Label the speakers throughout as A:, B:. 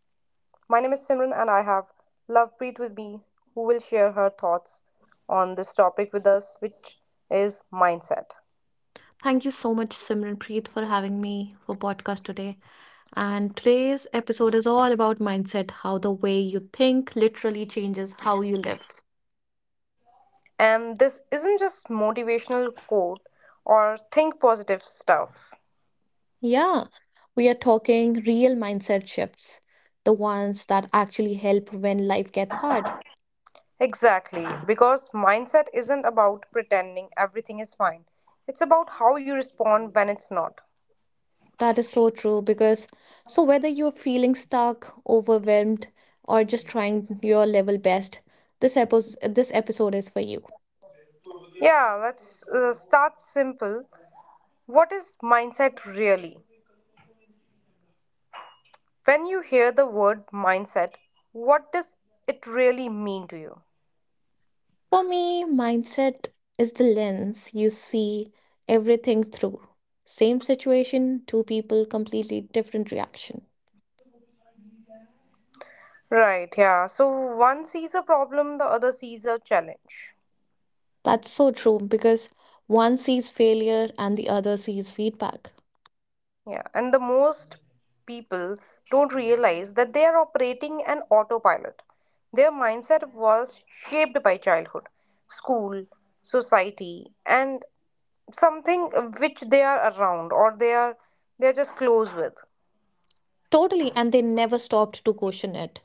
A: My name is Simran and I have Lovepreet with me who will share her thoughts on this topic with us which is mindset.
B: Thank you so much, Simranpreet, for having me for podcast today. And today's episode is all about mindset, how the way you think literally changes how you live.
A: And this isn't just motivational quote or think positive stuff.
B: Yeah, we are talking real mindset shifts, the ones that actually help when life gets hard.
A: Exactly, because mindset isn't about pretending everything is fine. It's about how you respond when it's not.
B: That is so true because so whether you're feeling stuck, overwhelmed, or just trying your level best, this episode is for you.
A: Yeah, let's start simple. What is mindset really? When you hear the word mindset, what does it really mean to you?
B: For me, mindset is the lens you see everything through. Same situation, two people, completely different reaction.
A: Right, yeah. So one sees a problem, the other sees a challenge.
B: That's so true because one sees failure and the other sees feedback.
A: Yeah, and the most people don't realize that they are operating an autopilot. Their mindset was shaped by childhood, school, society, and something which they are around or they are just close with.
B: Totally, and they never stopped to question it.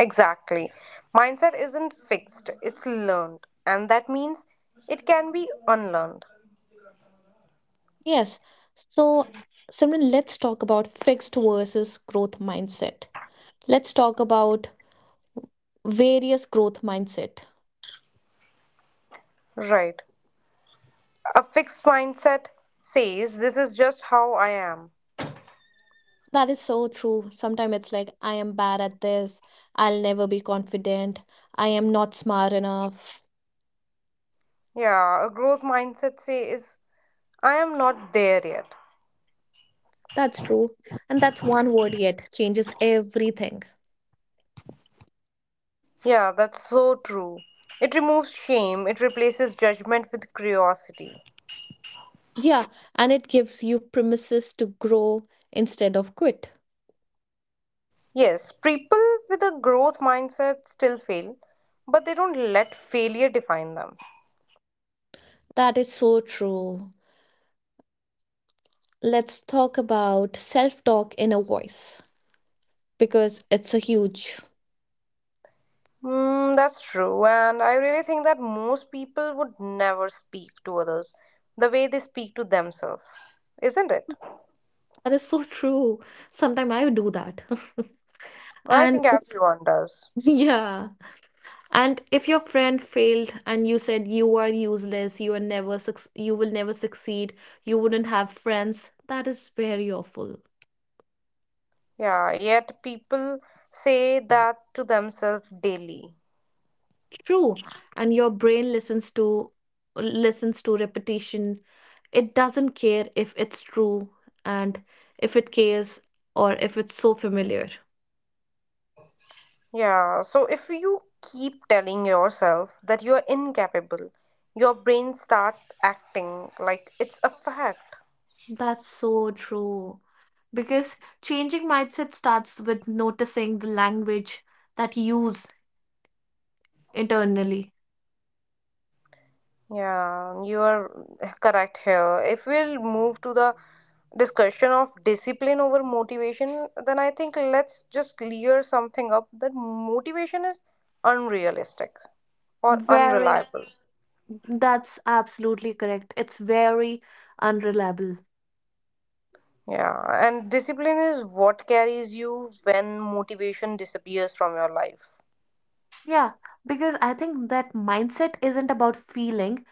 A: Exactly. Mindset isn't fixed, it's learned. And that means it can be unlearned.
B: Yes, so Simran, let's talk about fixed versus growth mindset. Let's talk about various growth mindset.
A: Right. A fixed mindset says, this is just how I am.
B: That is so true. Sometimes it's like, I am bad at this. I'll never be confident. I am not smart enough.
A: Yeah, a growth mindset says, I am not there yet.
B: That's true. And that's one word yet changes everything.
A: Yeah, that's so true. It removes shame, it replaces judgment with curiosity.
B: Yeah. And it gives you premises to grow instead of quit.
A: Yes, people with a growth mindset still fail, but they don't let failure define them.
B: That is so true. Let's talk about self talk in a voice because it's a huge.
A: Mm, that's true, and I really think that most people would never speak to others the way they speak to themselves, isn't it?
B: That is so true. Sometimes I do that.
A: I
B: And
A: think
B: it's,
A: everyone does.
B: yeah. And if your friend failed and you said you are useless, you will never succeed, you wouldn't have friends, that is very awful.
A: Yeah, yet people say that to themselves daily.
B: True. And your brain listens to repetition. It doesn't care if it's true and if it cares or if it's so familiar.
A: Yeah, so if you keep telling yourself that you are incapable, your brain starts acting like it's a fact.
B: That's so true. Because changing mindset starts with noticing the language that you use internally.
A: Yeah, you are correct here. If we'll move to the discussion of discipline over motivation, then I think let's just clear something up that motivation is unrealistic or
B: Very.
A: unreliable.
B: That's absolutely correct. It's very unreliable.
A: Yeah, and discipline is what carries you when motivation disappears from your life.
B: Yeah, because I think that mindset isn't about feeling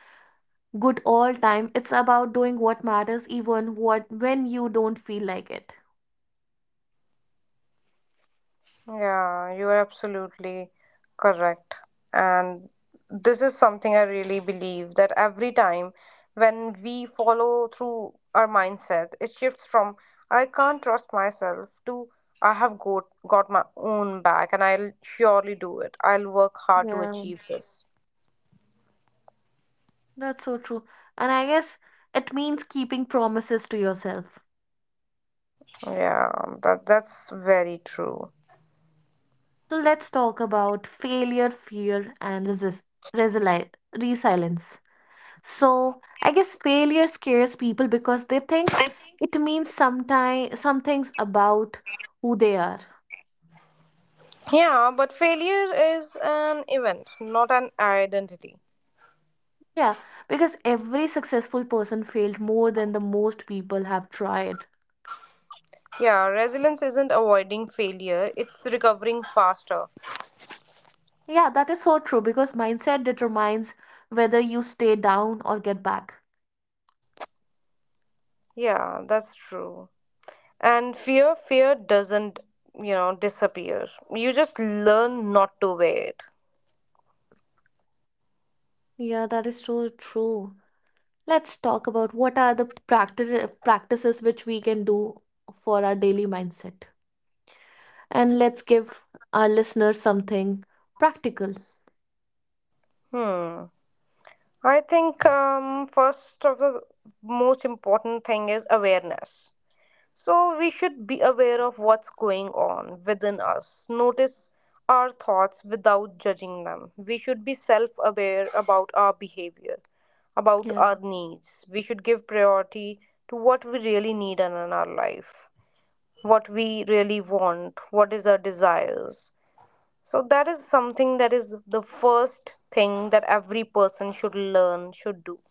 B: good all time. It's about doing what matters even what when you don't feel like it.
A: Yeah, you are absolutely correct. And this is something I really believe that every time when we follow through our mindset, it shifts from I can't trust myself to I have got my own back and I'll surely do it. I'll work hard to
B: Yeah,
A: achieve this.
B: that's so true. And I guess it means keeping promises to yourself.
A: Yeah, that's very true.
B: So let's talk about failure, fear, and resist resili resilience. So I guess failure scares people because they think it means some things about who they are.
A: Yeah, but failure is an event, not an identity.
B: Yeah, because every successful person failed more than the most people have tried.
A: Yeah, resilience isn't avoiding failure, it's recovering faster.
B: Yeah, that is so true because mindset determines whether you stay down or get back.
A: Yeah, that's true. And fear doesn't disappear. You just learn not to wear it.
B: Yeah, that is so true. Let's talk about what are the practices which we can do for our daily mindset. And let's give our listeners something practical.
A: Hmm. I think first of the most important thing is awareness. So we should be aware of what's going on within us. Notice our thoughts without judging them. We should be self aware about our behavior, about our
B: Yeah.
A: needs. We should give priority to what we really need in our life, what we really want, what is our desires. So that is something that is the first thing that every person should learn, should do.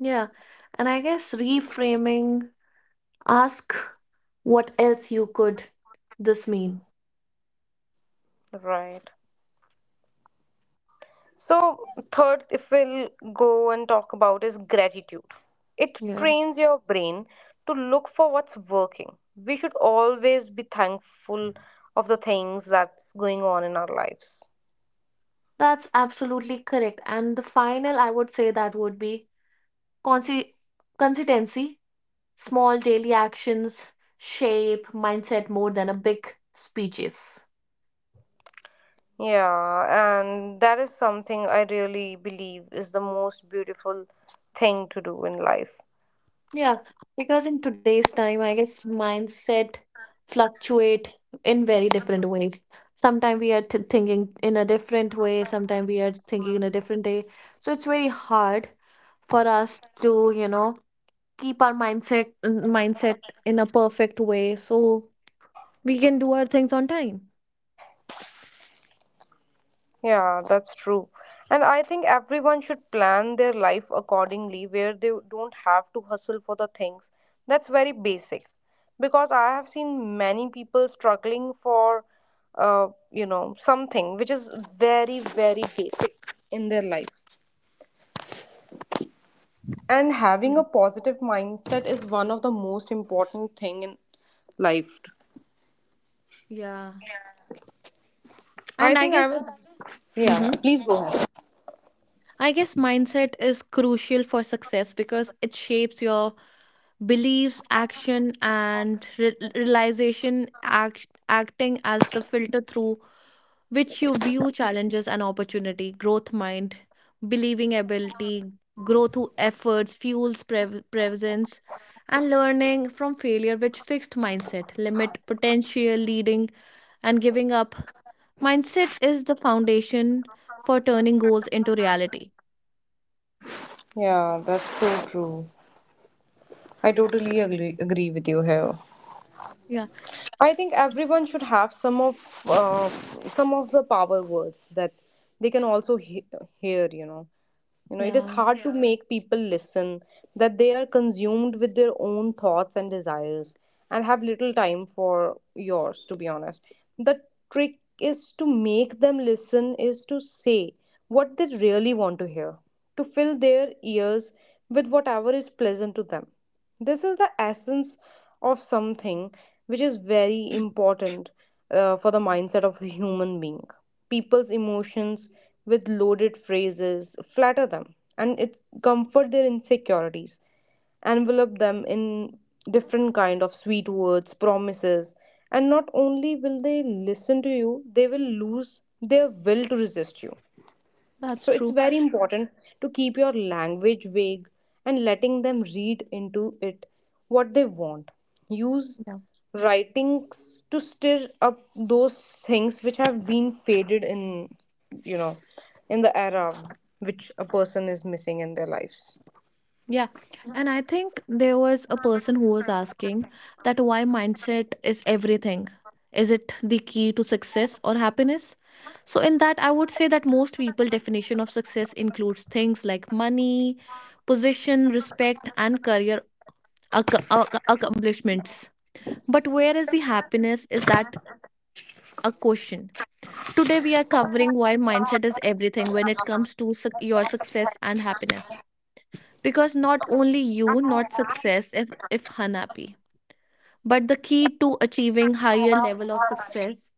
B: Yeah. And I guess reframing, ask what else you could this mean.
A: Right. So, third, if we'll go and talk about is gratitude. It
B: Yeah.
A: trains your brain to look for what's working. We should always be thankful of the things that's going on in our lives.
B: That's absolutely correct. And the final, I would say that would be consi- consistency, small daily actions shape mindset more than a big speeches.
A: Yeah, and that is something I really believe is the most beautiful thing to do in life.
B: Yeah, because in today's time, I guess mindset fluctuate in very different ways. Sometimes we are t thinking in a different way, sometimes we are thinking in a different day. So it's very hard for us to, keep our mindset in a perfect way so we can do our things on time.
A: Yeah, that's true. And I think everyone should plan their life accordingly, where they don't have to hustle for the things. That's very basic. Because I have seen many people struggling for something which is very, very basic in their life. And having
B: Mm.
A: a positive mindset is one of the most important thing in life.
B: Yeah.
A: I
B: And I
A: think I
B: guess,
A: was, yeah, yeah.
B: hmm
A: Please go ahead.
B: I guess mindset is crucial for success because it shapes your beliefs, action, and re realization, acting as the filter through which you view challenges and opportunity, growth mind, believing ability, grow through efforts, fuels presence, and learning from failure, which fixed mindset, limit potential, leading, and giving up. Mindset is the foundation for turning goals into reality.
A: Yeah, that's so true. I totally agree with you here.
B: Yeah,
A: I think everyone should have some of the power words that they can also hear. It is
B: yeah,
A: hard to make people listen that they are consumed with their own thoughts and desires and have little time for yours. To be honest, the trick is to make them listen is to say what they really want to hear, to fill their ears with whatever is pleasant to them. This is the essence of something which is very important for the mindset of a human being. People's emotions with loaded phrases flatter them and it comfort their insecurities, envelop them in different kind of sweet words, promises, and not only will they listen to you, they will lose their will to resist you.
B: that's
A: So it's
B: true.
A: very important to keep your language vague and letting them read into it what they want. Use writings to stir up those things which have been faded in you know in the era which a person is missing in their lives.
B: Yeah. And I think there was a person who was asking that why mindset is everything. Is it the key to success or happiness? So in that I would say that most people definition of success includes things like money, position, respect and career accomplishments. But where is the happiness is that a question. Today we are covering why mindset is everything when it comes to suc your success and happiness, because not only you not success if unhappy, but the key to achieving higher level of success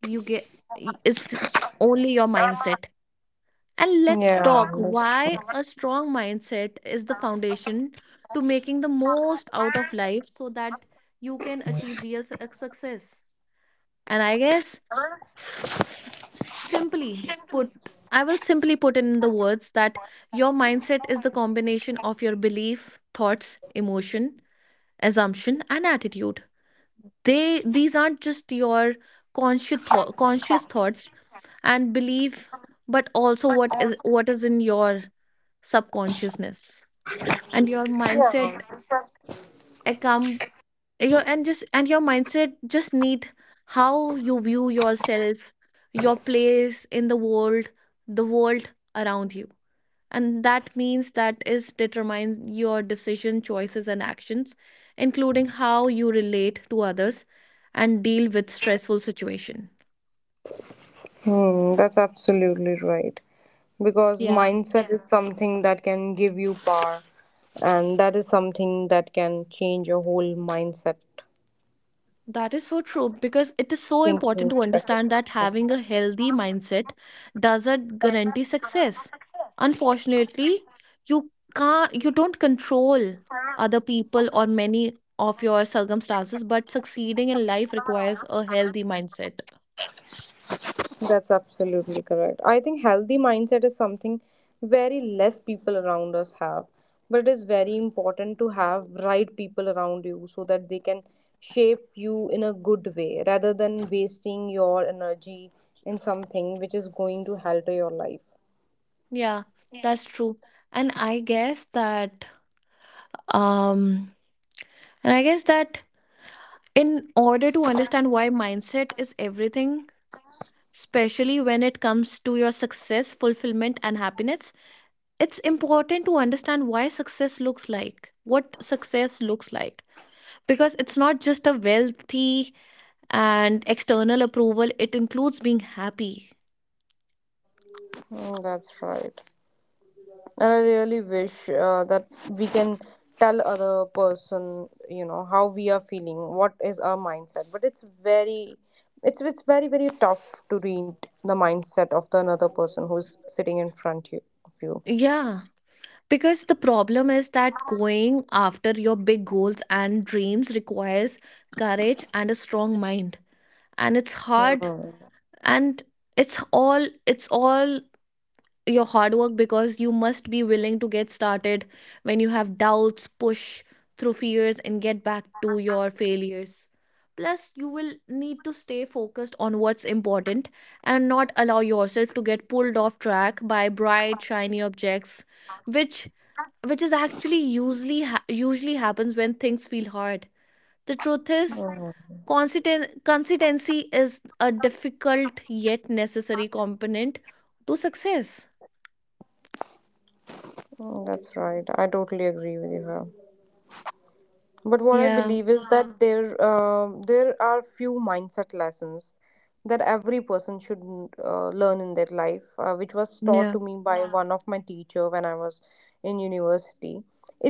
B: you get is only your mindset. And let's
A: Yeah,
B: talk
A: that's
B: why
A: true.
B: a strong mindset is the foundation to making the most out of life so that you can achieve real success. And I guess, simply put I will simply put in the words that your mindset is the combination of your belief, thoughts, emotion, assumption and attitude. They These aren't just your conscious thoughts and belief, but also what is in your subconsciousness. And your mindset accom- your mindset just need how you view yourself, your place in the world, the world around you. And that means that is determines your decision choices and actions, including how you relate to others and deal with stressful situation.
A: Hmm, that's absolutely right. Because
B: Yeah,
A: mindset is something that can give you power, and that is something that can change your whole mindset.
B: that is so true because it is so important
A: Thinking
B: to understand
A: specific.
B: that
A: Yeah.
B: having a healthy mindset doesn't guarantee success. Unfortunately, you can't you don't control other people or many of your circumstances, but succeeding in life requires a healthy mindset.
A: That's absolutely correct. I think healthy mindset is something very less people around us have, but it is very important to have right people around you so that they can shape you in a good way rather than wasting your energy in something which is going to alter your life.
B: Yeah, that's true. And I guess that um and I guess that in order to understand why mindset is everything, especially when it comes to your success, fulfillment and happiness, it's important to understand why success looks like, what success looks like. Because it's not just a wealthy and external approval, it includes being happy.
A: Mm, that's right. And I really wish that we can tell other person, how we are feeling, what is our mindset. But it's very very tough to read the mindset of the another person who's sitting in front you, of you.
B: Yeah. Because the problem is that going after your big goals and dreams requires courage and a strong mind. And it's hard and it's all your hard work, because you must be willing to get started when you have doubts, push through fears and get back to your failures. Plus, you will need to stay focused on what's important and not allow yourself to get pulled off track by bright, shiny objects, which which is actually usually ha- usually happens when things feel hard. The truth is,
A: Mhm.
B: consistency is a difficult yet necessary component to success.
A: Mm, that's right. I totally agree with you here. But what I
B: Yeah.
A: believe is that there are few mindset lessons that every person should learn in their life, which was taught
B: Yeah.
A: to me by, yeah, one of my teacher when I was in university.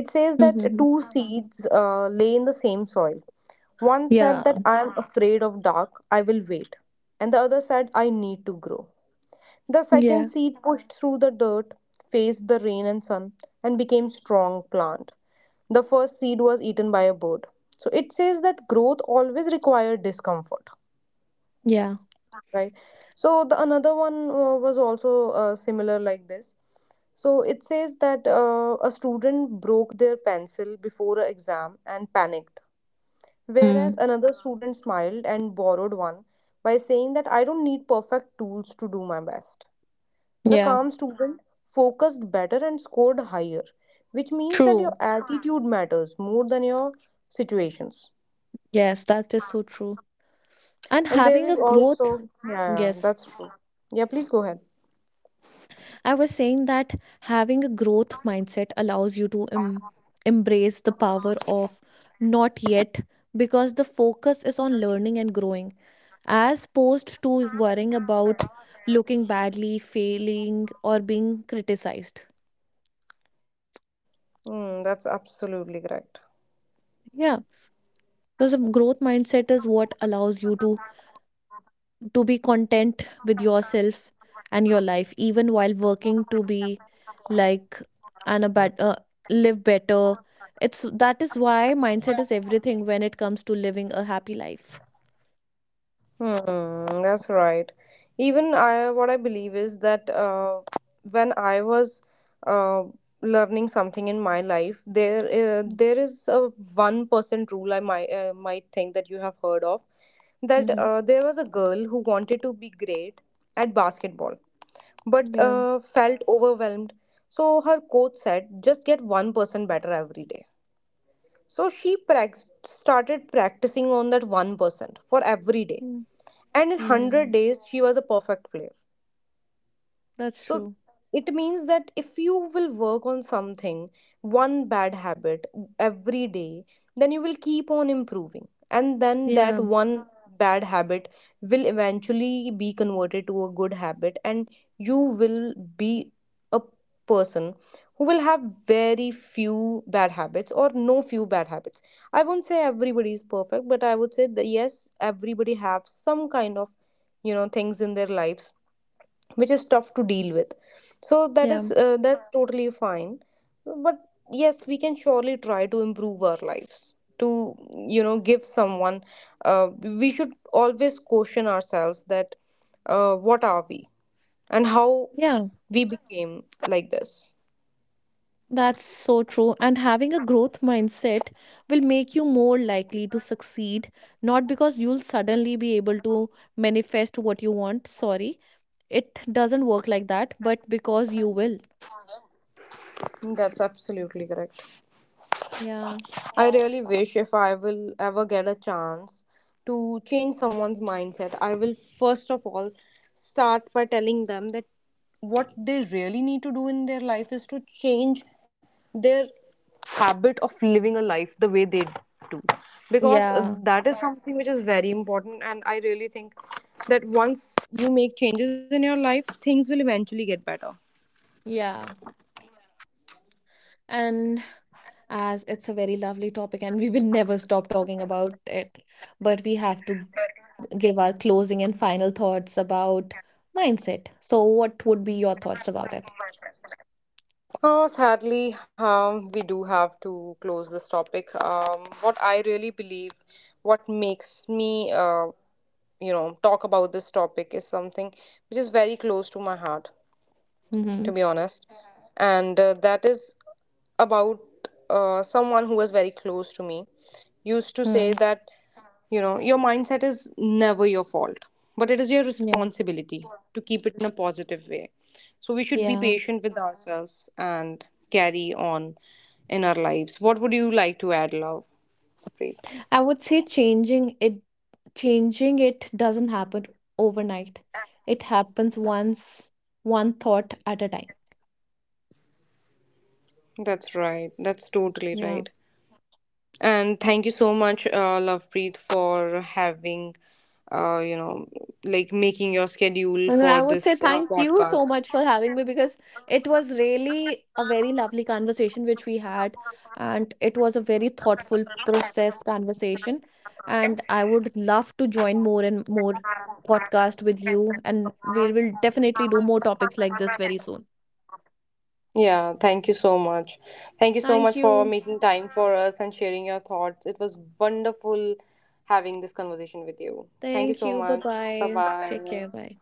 A: It says that
B: Mhm.
A: 2 seeds lay in the same soil. One said
B: Yeah.
A: that I am afraid of dark, I will wait, and the other said I need to grow. The second
B: Yeah.
A: seed pushed through the dirt, faced the rain and sun, and became strong plant. The first seed was eaten by a bird. So it says that growth always required discomfort,
B: Yeah.
A: right? So the another one was also similar like this. So it says that a student broke their pencil before an exam and panicked,
B: Mm.
A: whereas another student smiled and borrowed one by saying that I don't need perfect tools to do my best. The
B: Yeah.
A: calm student focused better and scored higher, which means that your
B: True.
A: attitude matters more than your situations.
B: Yes, that is so true. And
A: And there
B: having a
A: is
B: growth,
A: also, yeah, yeah,
B: yes,
A: that's true. Yeah, please go ahead.
B: I was saying that having a growth mindset allows you to embrace the power of not yet, because the focus is on learning and growing, as opposed to worrying about looking badly, failing, or being criticized.
A: Mm, that's absolutely correct.
B: Yeah, because a growth mindset is what allows you to be content with yourself and your life even while working to be like and live better. It's that is why mindset is everything when it comes to living a happy life.
A: Hmm, that's right. Even I, what I believe is that when I was uh, learning something in my life, there uh,
B: Mm.
A: there is a 1% rule I might think that you have heard of, that
B: Mm-hmm.
A: there was a girl who wanted to be great at basketball, but
B: Yeah.
A: felt overwhelmed. So her coach said, just get one person better every day. So she started practicing on that 1% for every day
B: Mm.
A: and in 100
B: Mm.
A: days, she was a perfect player.
B: That's
A: So
B: true.
A: it means that if you will work on something, one bad habit every day, then you will keep on improving. And then that
B: Yeah.
A: one bad habit will eventually be converted to a good habit, and you will be a person who will have very few bad habits or no few bad habits. I won't say everybody is perfect, but I would say that yes, everybody have some kind of things in their lives which is tough to deal with, so that
B: Yeah.
A: is uh, that's totally fine, but yes, we can surely try to improve our lives to give someone, uh, we should always question ourselves that what are we and how
B: Yeah.
A: we became like this.
B: That's so true. And having a growth mindset will make you more likely to succeed, not because you'll suddenly be able to manifest what you want. Sorry, it doesn't work like that, but because you will.
A: That's absolutely correct.
B: Yeah.
A: I really wish if I will ever get a chance to change someone's mindset, I will first of all start by telling them that what they really need to do in their life is to change their habit of living a life the way they do, because
B: Yeah,
A: that is something which is very important, and I really think that once you make changes in your life things will eventually get better.
B: yeah. And as it's a very lovely topic, and we will never stop talking about it, but we have to give our closing and final thoughts about mindset. So, what would be your thoughts about it?
A: Oh, sadly, we do have to close this topic. What I really believe, what makes me, talk about this topic is something which is very close to my heart to
B: Mm-hmm.
A: be honest. And that is about someone who was very close to me used to say
B: Mm.
A: that, your mindset is never your fault, but it is your
B: Yeah.
A: responsibility to keep it in a positive way. So we should be
B: Yeah.
A: patient with ourselves and carry on in our lives. What would you like to add, Love? Preet?
B: I would say changing it doesn't happen overnight. It happens once, one thought at a time.
A: That's right. That's totally right.
B: Yeah.
A: And thank you so much, Lovepreet, for having, uh, you know, like making your schedule
B: And
A: for
B: I would say
A: this
B: thank you so
A: podcast.
B: much for having me, because it was really a very lovely conversation which we had, and it was a very thoughtful process conversation. And I would love to join more and more podcast with you, and we will definitely do more topics like this very soon.
A: Yeah, thank you so much. Thank you so
B: Thank
A: much for
B: you.
A: making time for us and sharing your thoughts. It was wonderful having this conversation with you. Thank you
B: Thank
A: so
B: you. Bye
A: much. Bye
B: bye. Take
A: bye.
B: care. Bye.